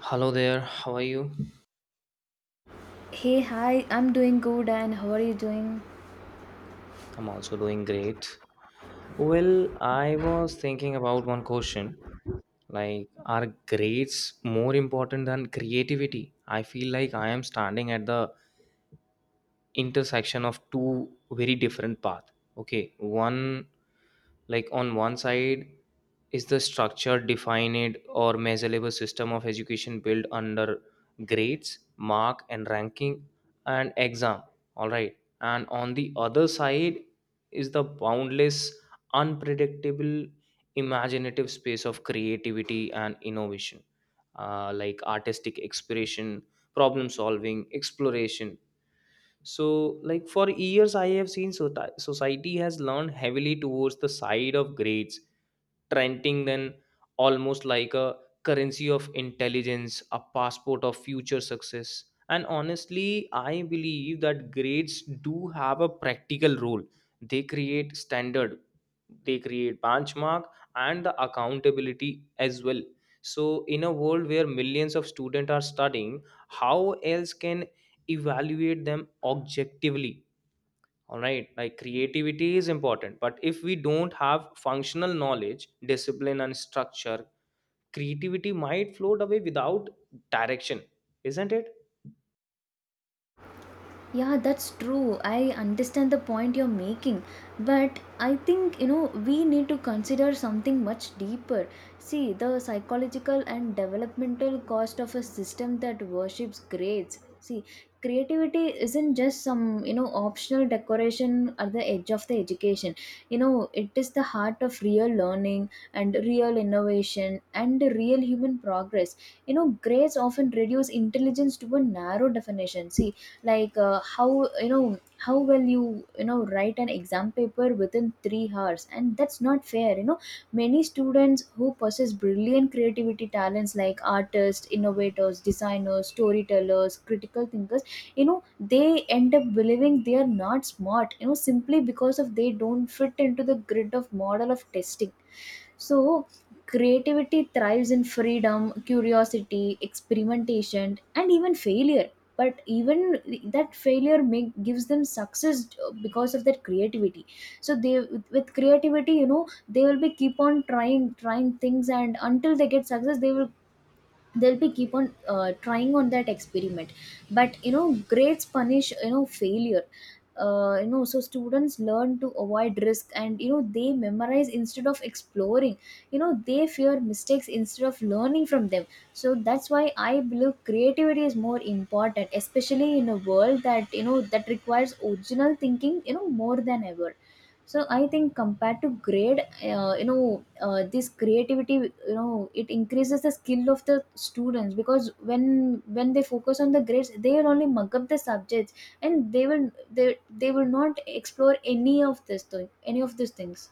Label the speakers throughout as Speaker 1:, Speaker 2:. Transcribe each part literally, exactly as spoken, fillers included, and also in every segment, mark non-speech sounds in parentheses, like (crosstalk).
Speaker 1: Hello there, how are you?
Speaker 2: Hey, hi, I'm doing good, and how are you doing?
Speaker 1: I'm also doing great. Well, I was thinking about one question, like, are grades more important than creativity? I feel like I am standing at the intersection of two very different path. Okay, one, like, on one side is the structured, defined, or measurable system of education built under grades, mark, and ranking and exam. All right, and on the other side is the boundless, unpredictable, imaginative space of creativity and innovation, uh, like artistic expression, problem solving, exploration. So, like, for years I have seen, so society has learned heavily towards the side of grades, Trenting then almost like a currency of intelligence, a passport of future success. And honestly, I believe that grades do have a practical role. They create standard, they create benchmark, and the accountability as well. So in a world where millions of students are studying, how else can evaluate them objectively? All right, like creativity is important, but if we don't have functional knowledge, discipline, and structure, creativity might float away without direction, isn't it?
Speaker 2: Yeah, that's true. I understand the point you're making, but I think you know we need to consider something much deeper. See, the psychological and developmental cost of a system that worships grades. See, creativity isn't just some you know optional decoration at the edge of the education. You know, it is the heart of real learning and real innovation and real human progress. You know, grades often reduce intelligence to a narrow definition. See, like uh, how you know how will you you know write an exam paper within three hours, and that's not fair. You know, many students who possess brilliant creativity talents like artists, innovators, designers, storytellers, critical thinkers, you know, they end up believing they are not smart, you know, simply because of they don't fit into the grid of model of testing. So creativity thrives in freedom, curiosity, experimentation, and even failure. But even that failure make, gives them success, uh, because of their creativity. So they, with creativity, you know, they will be keep on trying trying things, and until they get success they will, they'll be keep on uh, trying on that experiment. But you know, grades punish, you know, failure. Uh, you know, so students learn to avoid risk, and you know, they memorize instead of exploring. You know, they fear mistakes instead of learning from them. So that's why I believe creativity is more important, especially in a world that, you know, that requires original thinking, you know, more than ever. So I think compared to grade, uh, you know uh, this creativity, you know, it increases the skill of the students, because when when they focus on the grades they will only mug up the subjects. And they will they they will not explore any of this thing, any of these things.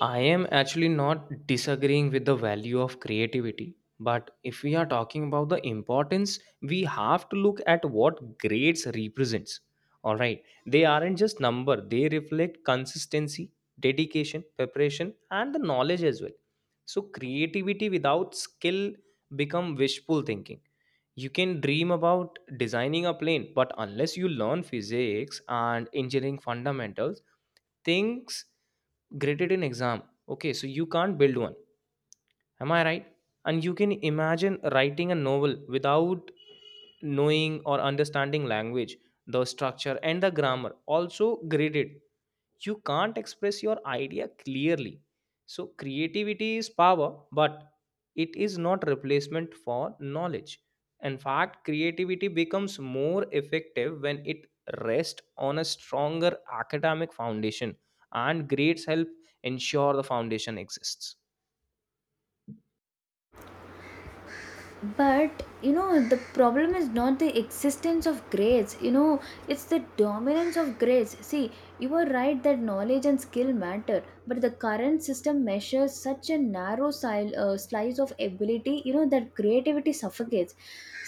Speaker 1: I am actually not disagreeing with the value of creativity, but if we are talking about the importance, we have to look at what grades represents. All right, they aren't just number; they reflect consistency, dedication, preparation, and the knowledge as well. So creativity without skill become wishful thinking. You can dream about designing a plane, but unless you learn physics and engineering fundamentals, things graded in exam, okay, so you can't build one. Am I right? And you can imagine writing a novel without knowing or understanding language, the structure, and the grammar. Also, graded. You can't express your idea clearly. So, creativity is power, but it is not replacement for knowledge. In fact, creativity becomes more effective when it rests on a stronger academic foundation, and grades help ensure the foundation exists.
Speaker 2: But you know, the problem is not the existence of grades, you know, it's the dominance of grades. See, you are right that knowledge and skill matter, but the current system measures such a narrow sil- uh, slice of ability, you know, that creativity suffocates.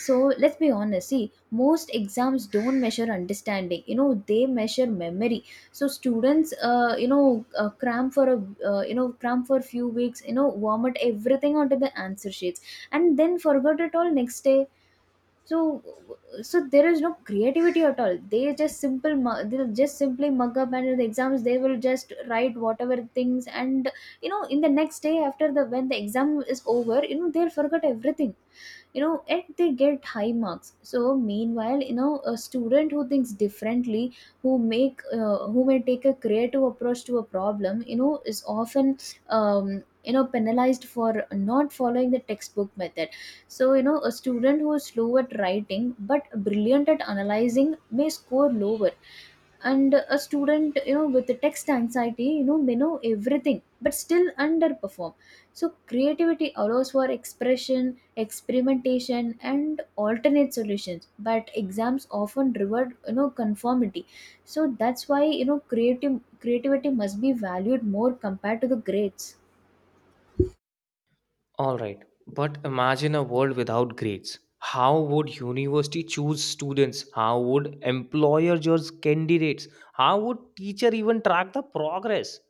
Speaker 2: So let's be honest, see, most exams don't measure understanding, you know, they measure memory. So students uh, you know uh, cram for a, uh, you know cram for few weeks, you know, vomit everything onto the answer sheets, and then forgot it all next day. So, so there is no creativity at all. They just simple mu- they'll just simply mug up, and in the exams they will just write whatever things. And you know, in the next day, after the, when the exam is over, you know, they'll forget everything. You know, and they get high marks. So meanwhile, you know, a student who thinks differently, who make uh, who may take a creative approach to a problem, you know, is often, um, you know penalized for not following the textbook method. So you know, a student who is slow at writing but brilliant at analyzing may score lower, and a student, you know, with the text anxiety, you know, may know everything but still underperform. So creativity allows for expression, experimentation, and alternate solutions, but exams often reward, you know, conformity. So that's why, you know, creative creativity must be valued more compared to the grades.
Speaker 1: All right, but imagine a world without grades. How would university choose students? How would employer judge candidates? How would teacher even track the progress?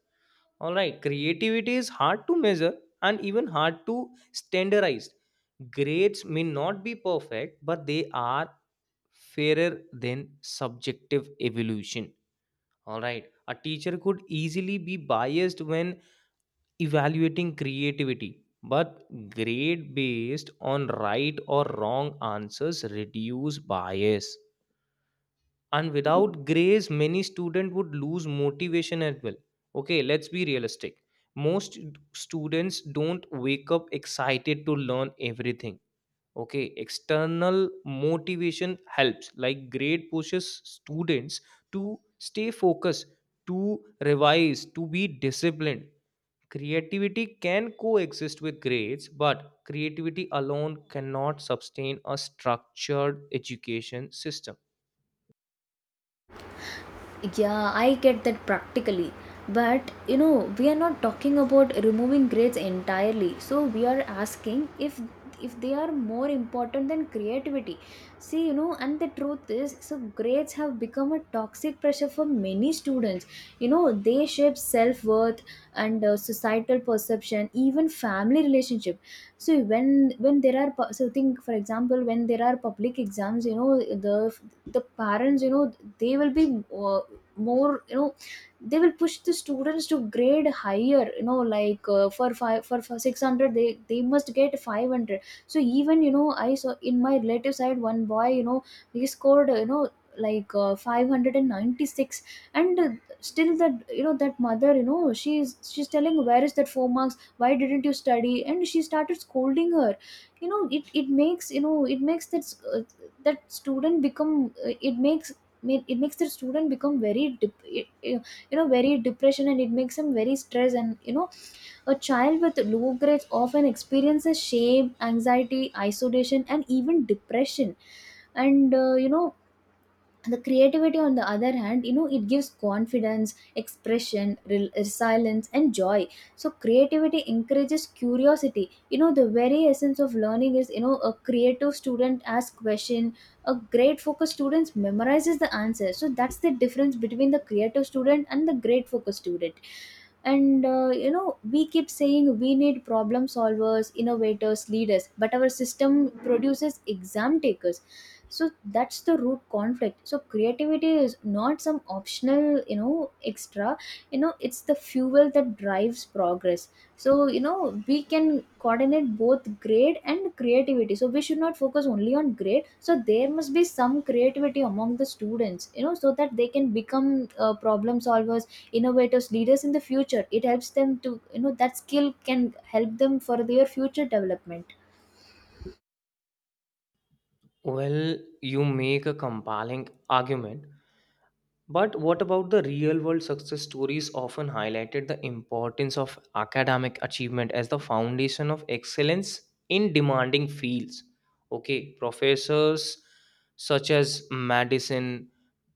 Speaker 1: All right, creativity is hard to measure and even hard to standardize. Grades may not be perfect, but they are fairer than subjective evolution. All right, a teacher could easily be biased when evaluating creativity, but grade based on right or wrong answers reduce bias. And without grades many students would lose motivation as well. Okay, let's be realistic. Most students don't wake up excited to learn everything. Okay, external motivation helps, like grade pushes students to stay focused, to revise, to be disciplined. Creativity can coexist with grades, but creativity alone cannot sustain a structured education system.
Speaker 2: Yeah, I get that practically. But you know, we are not talking about removing grades entirely. So we are asking if if they are more important than creativity. See, you know, and the truth is, so grades have become a toxic pressure for many students. You know, they shape self-worth and uh, societal perception, even family relationship. So when when there are pu- so think for example, when there are public exams, you know, the the parents, you know, they will be uh, more you know they will push the students to grade higher, you know, like uh, for five for, for six hundred they they must get five hundred. So even, you know, I saw in my relative side one boy, you know, he scored uh, you know like uh, five hundred ninety-six. And uh, still that, you know, that mother, you know, she's she's telling, "Where is that four marks? Why didn't you study?" And she started scolding her. You know, it it makes, you know, it makes that, uh, that student become uh, it makes, mean, it makes the student become very dep- eh, eh, you know, very depression, and it makes him very stressed. And you know, a child with low grades often experiences shame, anxiety, isolation, and even depression. And uh, you know, the creativity on the other hand, you know, it gives confidence, expression, rel- resilience, and joy. So creativity encourages curiosity, you know, the very essence of learning is, you know, a creative student asks question, a great focus student memorizes the answer. So that's the difference between the creative student and the great focus student. And uh, you know, we keep saying we need problem solvers, innovators, leaders, but our system produces exam takers. So that's the root conflict. So creativity is not some optional, you know, extra. You know, it's the fuel that drives progress. So you know, we can coordinate both grade and creativity. So we should not focus only on grade. So there must be some creativity among the students, you know, so that they can become uh, problem solvers, innovators, leaders in the future. It helps them to, you know, that skill can help them for their future development.
Speaker 1: Well, you make a compelling argument, but what about the real world success stories often highlighted the importance of academic achievement as the foundation of excellence in demanding fields? Okay, professors such as medicine,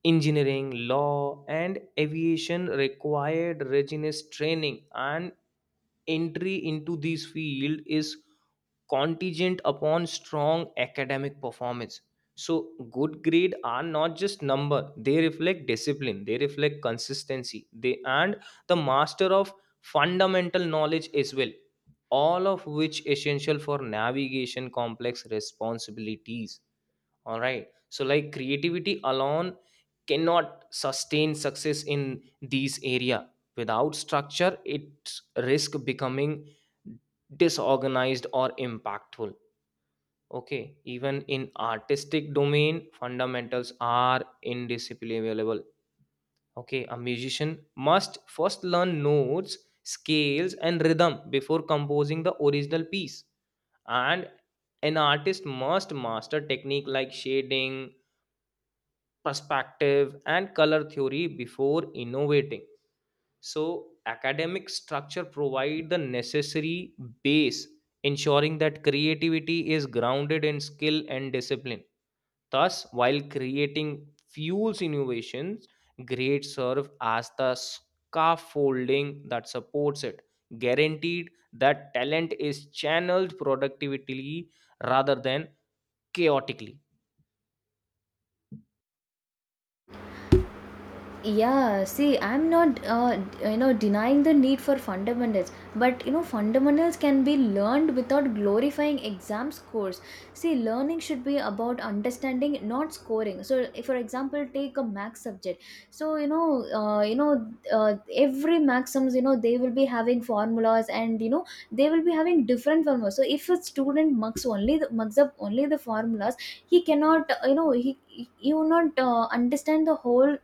Speaker 1: engineering, law, and aviation required rigorous training, and entry into this field is contingent upon strong academic performance. So good grade are not just number, they reflect discipline, they reflect consistency, they and the master of fundamental knowledge as well, all of which essential for navigation complex responsibilities. All right, so like creativity alone cannot sustain success in these area. Without structure it risk becoming disorganized or impactful. Okay, even in artistic domain, fundamentals are indisciplinable. Okay, a musician must first learn notes, scales, and rhythm before composing the original piece. And an artist must master technique like shading, perspective, and color theory before innovating. So, academic structure provide the necessary base, ensuring that creativity is grounded in skill and discipline. Thus, while creating fuels innovations, great serve as the scaffolding that supports it, guaranteed that talent is channeled productively rather than chaotically.
Speaker 2: Yeah, see, I'm not uh, you know denying the need for fundamentals, but you know, fundamentals can be learned without glorifying exam scores. See, learning should be about understanding, not scoring. So if, for example, take a max subject. So you know, uh, you know uh, every math, you know, they will be having formulas, and you know, they will be having different formulas. So if a student mugs only the, mugs up only the formulas, he cannot, uh, you know he he he will not uh, understand the whole,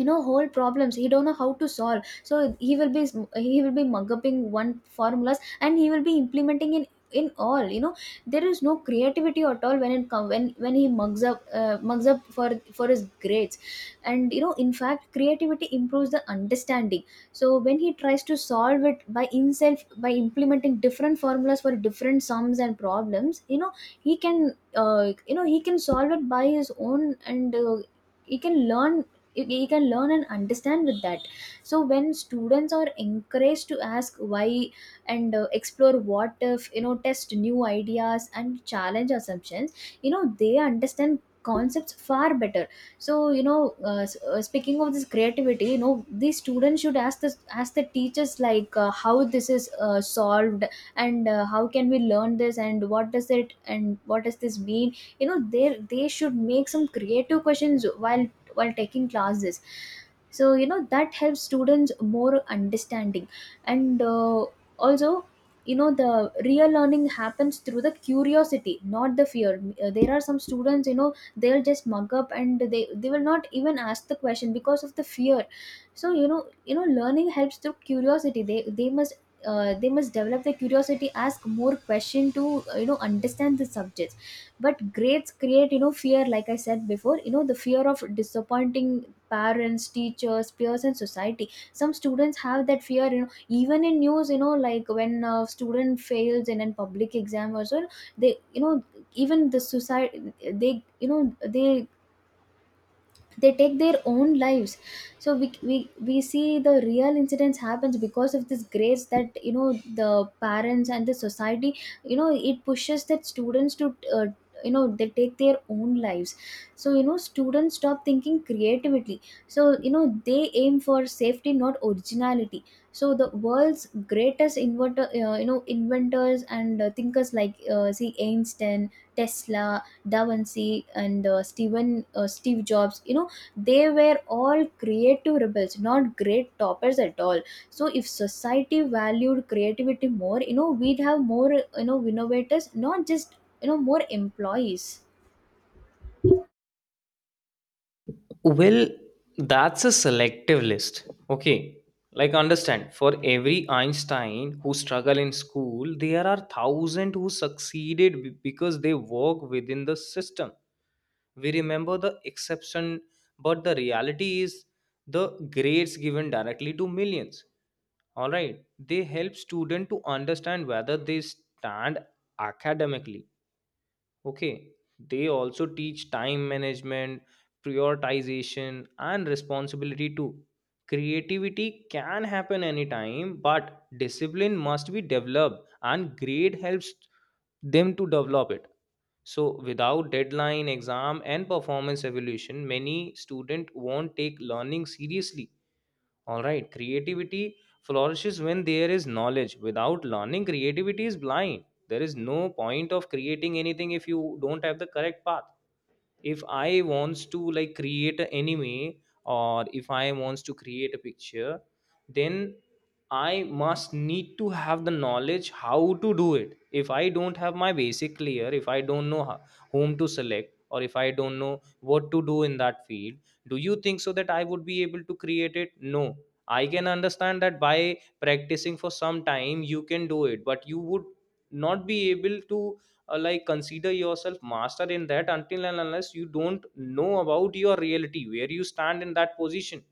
Speaker 2: you know, whole problems. He don't know how to solve. So he will be, he will be mugging one formulas, and he will be implementing in in all, you know, there is no creativity at all when it come, when when he mugs up, uh, mugs up for for his grades. And you know, in fact creativity improves the understanding. So when he tries to solve it by himself by implementing different formulas for different sums and problems, you know, he can, uh, you know he can solve it by his own, and uh, he can learn. you, you can learn and understand with that. So when students are encouraged to ask why, and uh, explore what if, you know, test new ideas and challenge assumptions, you know, they understand concepts far better. So you know, uh, s- uh, speaking of this creativity, you know, these students should ask this, ask the teachers like, uh, how this is uh, solved, and uh, how can we learn this, and what does it, and what does this mean. You know, they they should make some creative questions while while taking classes. So you know, that helps students more understanding. And uh, also, you know, the real learning happens through the curiosity, not the fear. Uh, there are some students, you know, they'll just mug up, and they they will not even ask the question because of the fear. So you know you know, learning helps through curiosity. They they must uh, they must develop the curiosity, ask more question to, uh, you know understand the subject. But grades create, you know, fear, like I said before, you know, the fear of disappointing parents, teachers, peers, and society. Some students have that fear, you know, even in news, you know, like when a student fails in a public exam or so, they, you know, even the society, they, you know, they they take their own lives. So we, we we see the real incidents happens because of this grace, that, you know, the parents and the society, you know, it pushes that students to, uh, you know, they take their own lives. So you know, students stop thinking creatively. So you know, they aim for safety, not originality. So the world's greatest inventor, uh, you know inventors, and uh, thinkers like, uh, see, Einstein, Tesla, Da Vinci, and uh, steven uh, Steve Jobs, you know, they were all creative rebels, not great toppers at all. So if society valued creativity more, you know, we'd have more, you know, innovators, not just, you know, more employees.
Speaker 1: Well, that's a selective list. Okay. Like understand, for every Einstein who struggle in school, there are thousand who succeeded be- because they work within the system. We remember the exception, but the reality is the grades given directly to millions. All right. They help student to understand whether they stand academically. Okay, they also teach time management, prioritization, and responsibility too. Creativity can happen anytime, but discipline must be developed, and grade helps them to develop it. So, without deadline, exam, and performance evaluation, many students won't take learning seriously. All right, creativity flourishes when there is knowledge. Without learning, creativity is blind. There is no point of creating anything if you don't have the correct path. If I wants to, like, create an anime, or if I wants to create a picture, then I must need to have the knowledge how to do it. If I don't have my basic clear, if I don't know ho- whom to select, or if I don't know what to do in that field, do you think so that I would be able to create it? No. I can understand that by practicing for some time you can do it, but you would not be able to uh, like consider yourself master in that until and unless you don't know about your reality, where you stand in that position.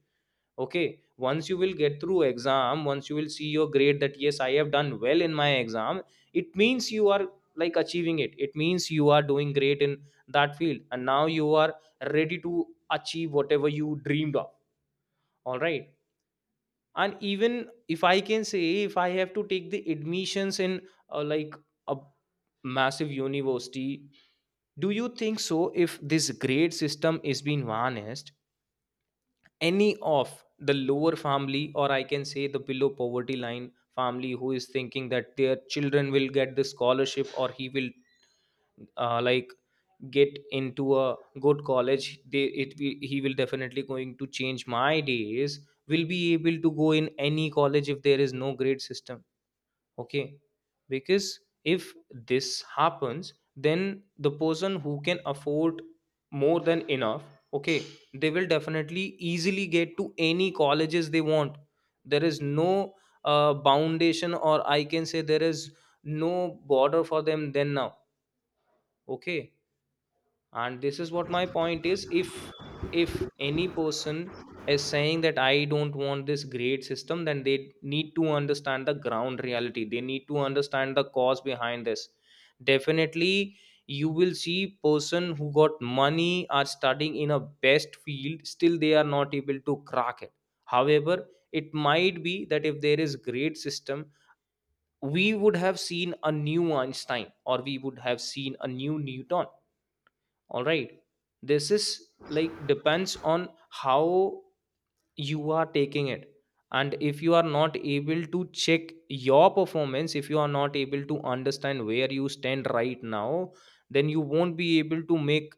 Speaker 1: Okay, once you will get through exam, once you will see your grade, that yes, I have done well in my exam, it means you are like achieving it, it means you are doing great in that field, and now you are ready to achieve whatever you dreamed of. All right. And even if I can say, if I have to take the admissions in uh, like a massive university, do you think so if this grade system is being harnessed, any of the lower family, or I can say the below poverty line family, who is thinking that their children will get the scholarship, or he will uh, like get into a good college, they it be- he will definitely going to change my days, will be able to go in any college if there is no grade system? Okay, because if this happens, then the person who can afford more than enough, okay, they will definitely easily get to any colleges they want. There is no uh, foundation, or I can say there is no border for them then now. Okay. And this is what my point is, if if any person is saying that I don't want this grade system, then they need to understand the ground reality, they need to understand the cause behind this. Definitely you will see person who got money are studying in a best field, still they are not able to crack it. However, it might be that if there is grade system, we would have seen a new Einstein, or we would have seen a new Newton. All right. This is like depends on how you are taking it. And if you are not able to check your performance, if you are not able to understand where you stand right now, then you won't be able to make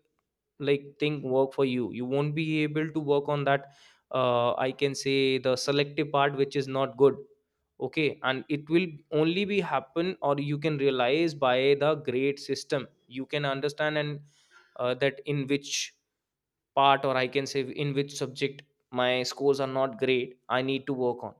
Speaker 1: like thing work for you, you won't be able to work on that, uh, I can say the selective part, which is not good. Okay, and it will only be happen, or you can realize by the grade system, you can understand and uh, that in which part, or I can say in which subject my scores are not great, I need to work on.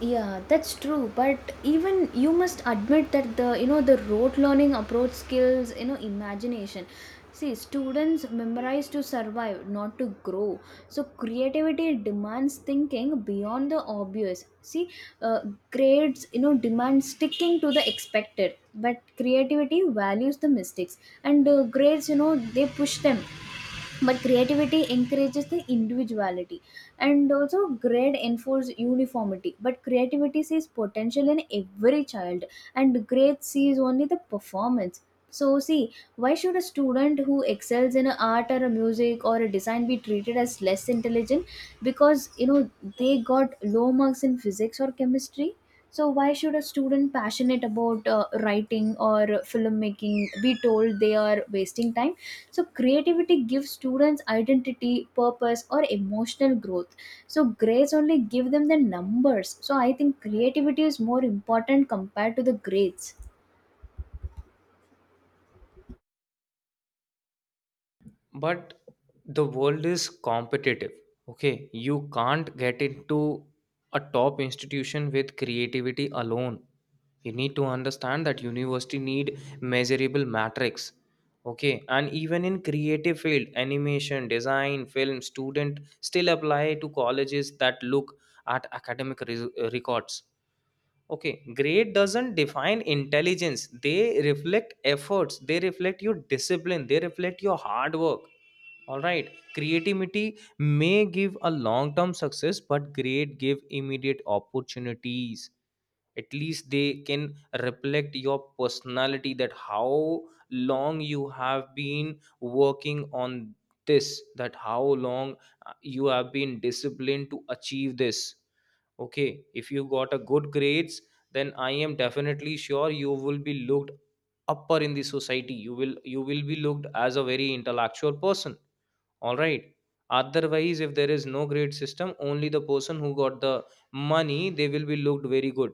Speaker 2: Yeah, that's true. But even you must admit that the, you know, the rote learning approach skills, you know, imagination. See, students memorize to survive, not to grow. So creativity demands thinking beyond the obvious. See, uh, grades, you know, demand sticking to the expected, but creativity values the mistakes, and uh, grades, you know, they push them, but creativity encourages the individuality. And also grade enforce uniformity, but creativity sees potential in every child, and grade sees only the performance. So see, why should a student who excels in a art or a music or a design be treated as less intelligent because you know they got low marks in physics or chemistry? So why should a student passionate about uh, writing or filmmaking be told they are wasting time? So creativity gives students identity, purpose or emotional growth, so grades only give them the numbers. So I think creativity is more important compared to the grades.
Speaker 1: But the world is competitive. Okay, you can't get into a top institution with creativity alone. You need to understand that university need measurable metrics. Okay, and even in creative field animation design film student still apply to colleges that look at academic res- records. Okay, grade doesn't define intelligence, they reflect efforts, they reflect your discipline, they reflect your hard work. All right, creativity may give a long term success, but grade give immediate opportunities. At least they can reflect your personality, that how long you have been working on this, that how long uh, you have been disciplined to achieve this. Okay, if you got a good grades, then I am definitely sure you will be looked upper in the society, you will you will be looked as a very intellectual person. All right, otherwise if there is no grade system, only the person who got the money, they will be looked very good.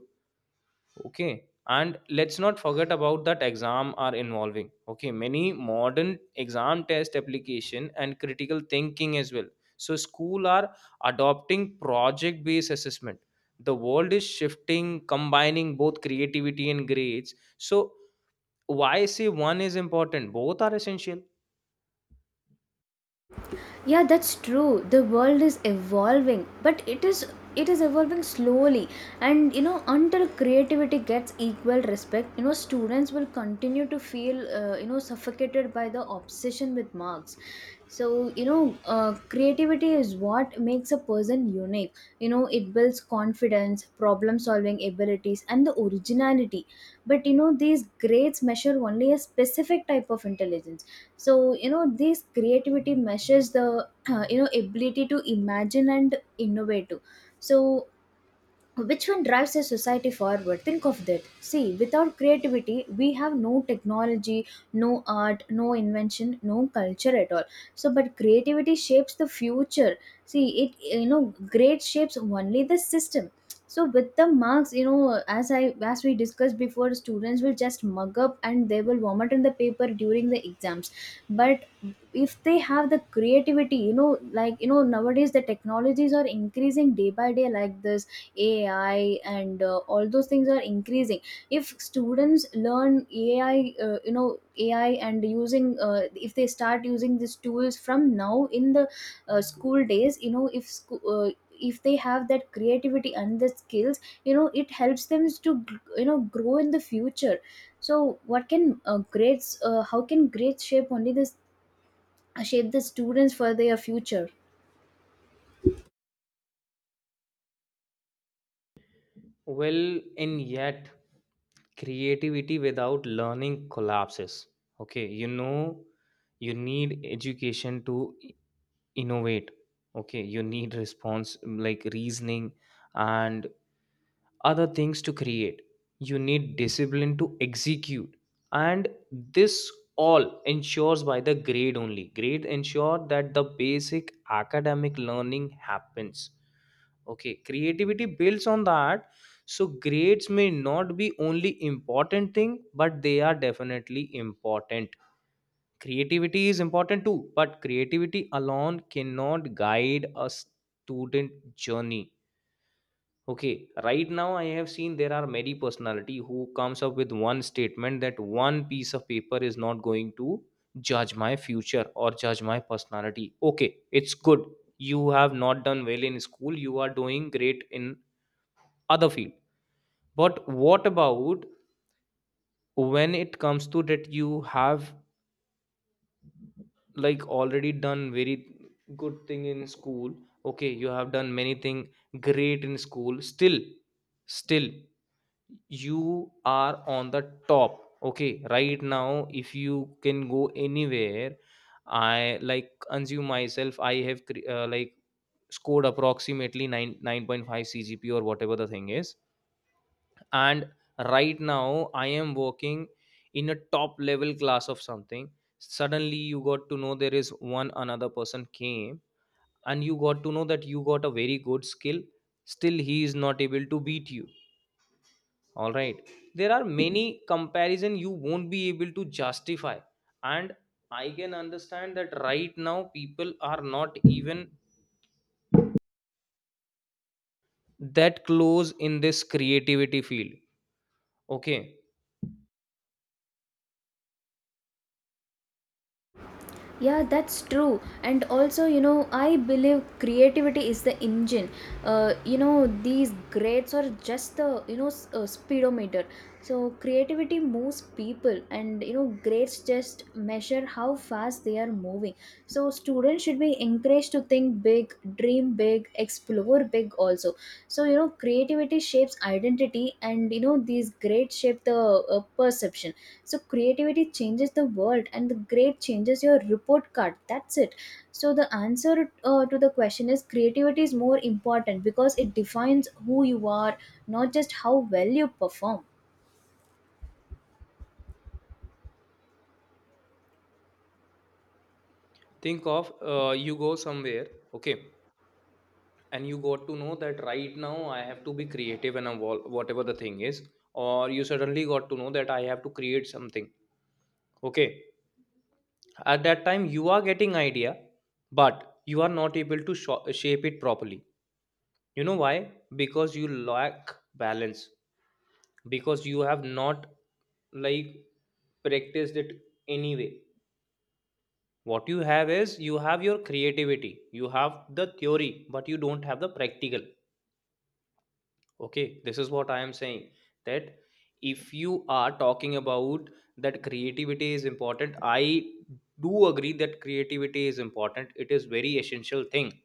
Speaker 1: Okay, and let's not forget about that exam are involving. Okay, many modern exam test application and critical thinking as well. So school are adopting project based assessment. The world is shifting, combining both creativity and grades. So why say one is important? Both are essential.
Speaker 2: Yeah, that's true, the world is evolving, but it is it is evolving slowly. And you know, until creativity gets equal respect, you know students will continue to feel uh, you know, suffocated by the obsession with marks. So you know, uh, creativity is what makes a person unique. You know, it builds confidence, problem solving abilities and the originality. But you know, these grades measure only a specific type of intelligence. So you know, this creativity measures the (clears throat) uh, you know, ability to imagine and innovate too. So which one drives a society forward? Think of that. See, without creativity we have no technology, no art, no invention, no culture at all. So but creativity shapes the future. See it, you know, grade shapes only the system. So with the marks, you know, as i as we discussed before, students will just mug up and they will vomit in the paper during the exams. But if they have the creativity, you know, like you know, nowadays the technologies are increasing day by day like this, ai and uh, all those things are increasing. If students learn ai, uh, you know, ai, and using uh, if they start using these tools from now in the uh, school days, you know, if sco- uh, if they have that creativity and the skills, you know it helps them to, you know, grow in the future. So what can uh, grades, uh, how can grades shape only this, shape the students for their future?
Speaker 1: Well, and yet creativity without learning collapses. Okay, you know you need education to innovate. Okay, you need response, mm, like reasoning and other things to create. You need discipline to execute. And this all ensures by the grade only, grade ensure that the basic academic learning happens. Okay, creativity builds on that. So grades may not be only important thing, but they are definitely important. Creativity is important too, but creativity alone cannot guide a student journey. Okay, right now I have seen there are many personality who Comes up with one statement that one piece of paper is not going to judge my future or judge my personality. Okay, it's good. You have not done well in school, you are doing great in other field. But what about when it comes to that you have, like, already done very good thing in school? Okay, you have done many thing great in school, still, still you are on the top. Okay, right now if you can go anywhere. I, like, consume myself, I have cre- uh, like scored approximately nine nine point five cgp or whatever the thing is. And right now I am working in a top level class of something. Suddenly you got to know there is one another person came, and you got to know that you got a very good skill, still he is not able to beat you. All right, there are many comparison you won't be able to justify. And I can understand that right now people are not even that close in this creativity field. Okay,
Speaker 2: Yeah, that's true. And also you know, I believe creativity is the engine, uh, you know these grades are just the, you know, s- uh, speedometer. So creativity moves people, and you know grades just measure how fast they are moving. So students should be encouraged to think big, dream big, explore big also. So you know, creativity shapes identity, and you know these grades shape the uh, perception. So creativity changes the world and the grade changes your report card, that's it. So the answer uh, to the question is creativity is more important because it defines who you are, not just how well you perform.
Speaker 1: think of uh, you go somewhere. Okay, and you got to know that right now I have to be creative and evolve whatever the thing is, or you suddenly got to know that I have to create something. Okay, at that time you are getting idea, but you are not able to sho- shape it properly. You know why? Because you lack balance, because you have not, like, practiced it. Anyway, what you have is you have your creativity, you have the theory but you don't have the practical. Okay, this is what I am saying, that if you are talking about that creativity is important, I do agree that creativity is important. It is very essential thing.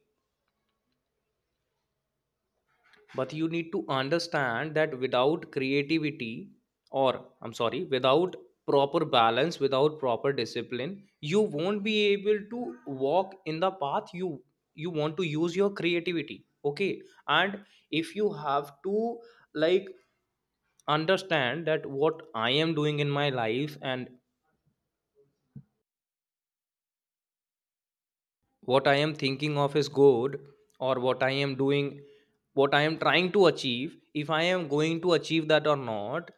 Speaker 1: But you need to understand that without creativity, or I'm sorry, without proper balance, without proper discipline, you won't be able to walk in the path you you want to use your creativity. Okay? And if you have to, like, understand that what I am doing in my life and what I am thinking of is good, or what I am doing, what I am trying to achieve, if I am going to achieve that or not,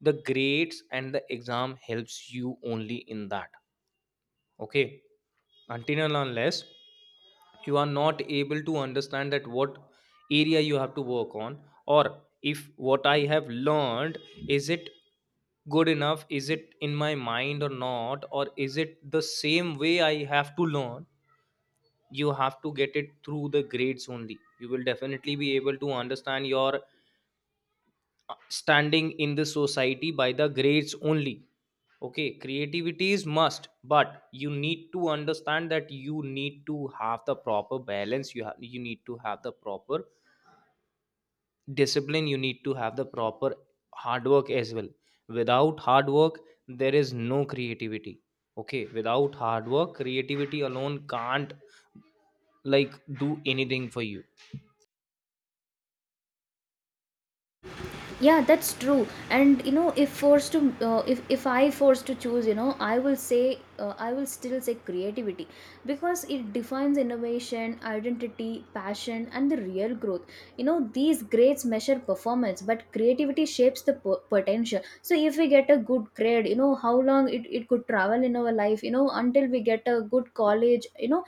Speaker 1: the grades and the exam helps you only in that. Okay. Until and unless you are not able to understand that what area you have to work on, or if what I have learned is it good enough, is it in my mind or not, or is it the same way I have to learn, you have to get it through the grades only. You will definitely be able to understand your standing in the society by the grades only. Okay, creativity is must, but you need to understand that you need to have the proper balance, you have, you need to have the proper discipline, you need to have the proper hard work as well. Without hard work there is no creativity. Okay, without hard work creativity alone can't, like, do anything for you.
Speaker 2: Yeah, that's true. And you know, if forced to, uh, if if i forced to choose, you know, I will say, uh, I will still say creativity, because it defines innovation, identity, passion and the real growth. You know these grades measure performance, but creativity shapes the po- potential. So if we get a good grade, you know, how long it, it could travel in our life, you know, until we get a good college, you know,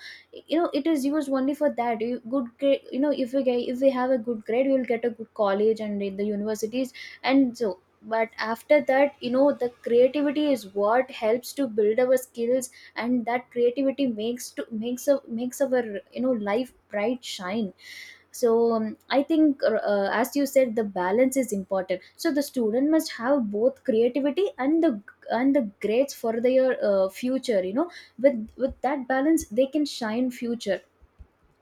Speaker 2: you know it is used only for that. You good grade, you know, if we get if we have a good grade, we will get a good college and in the universities. And so but after that, you know, the creativity is what helps to build our skills. And that creativity makes to makes a makes our, you know, life bright shine. So um, I think, uh, uh, as you said, the balance is important, so the student must have both creativity and the, and the grades for their uh, future, you know. with with that balance they can shine future,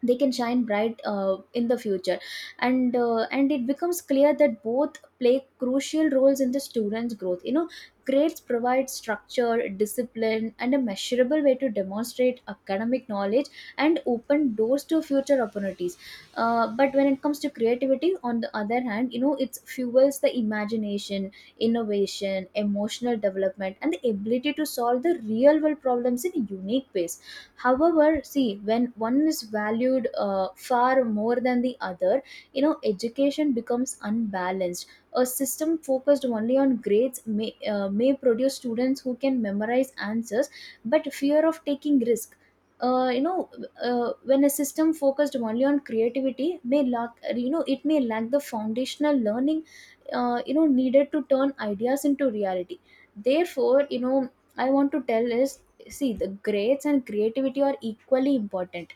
Speaker 2: they can shine bright uh, in the future. And uh, and it becomes clear that both play crucial roles in the students growth, you know. Grades provide structure, discipline and a measurable way to demonstrate academic knowledge, and open doors to future opportunities. Uh, but when it comes to creativity on the other hand, you know, it fuels the imagination, innovation, emotional development and the ability to solve the real world problems in unique ways. However, see, when one is valued uh, far more than the other, you know education becomes unbalanced. A system focused only on grades may, uh, may produce students who can memorize answers but fear of taking risk. uh, you know uh, when a system focused only on creativity may lack, you know, it may lack the foundational learning uh, you know, needed to turn ideas into reality. Therefore, you know, I want to tell is, see, the grades and creativity are equally important.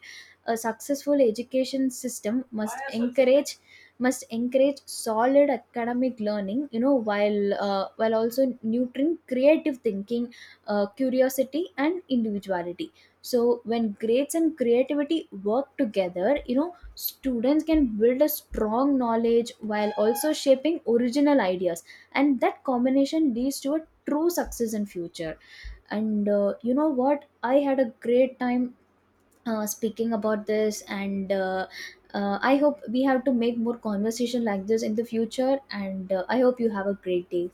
Speaker 2: A successful education system must encourage, must encourage solid academic learning, you know, while uh, while also nurturing creative thinking, uh, curiosity and individuality. So when grades and creativity work together, you know students can build a strong knowledge while also shaping original ideas, and that combination leads to a true success in future. And uh, you know what, I had a great time uh, speaking about this, and uh, uh, I hope we have to make more conversation like this in the future, and uh, I hope you have a great day.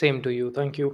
Speaker 1: Same to you, thank you.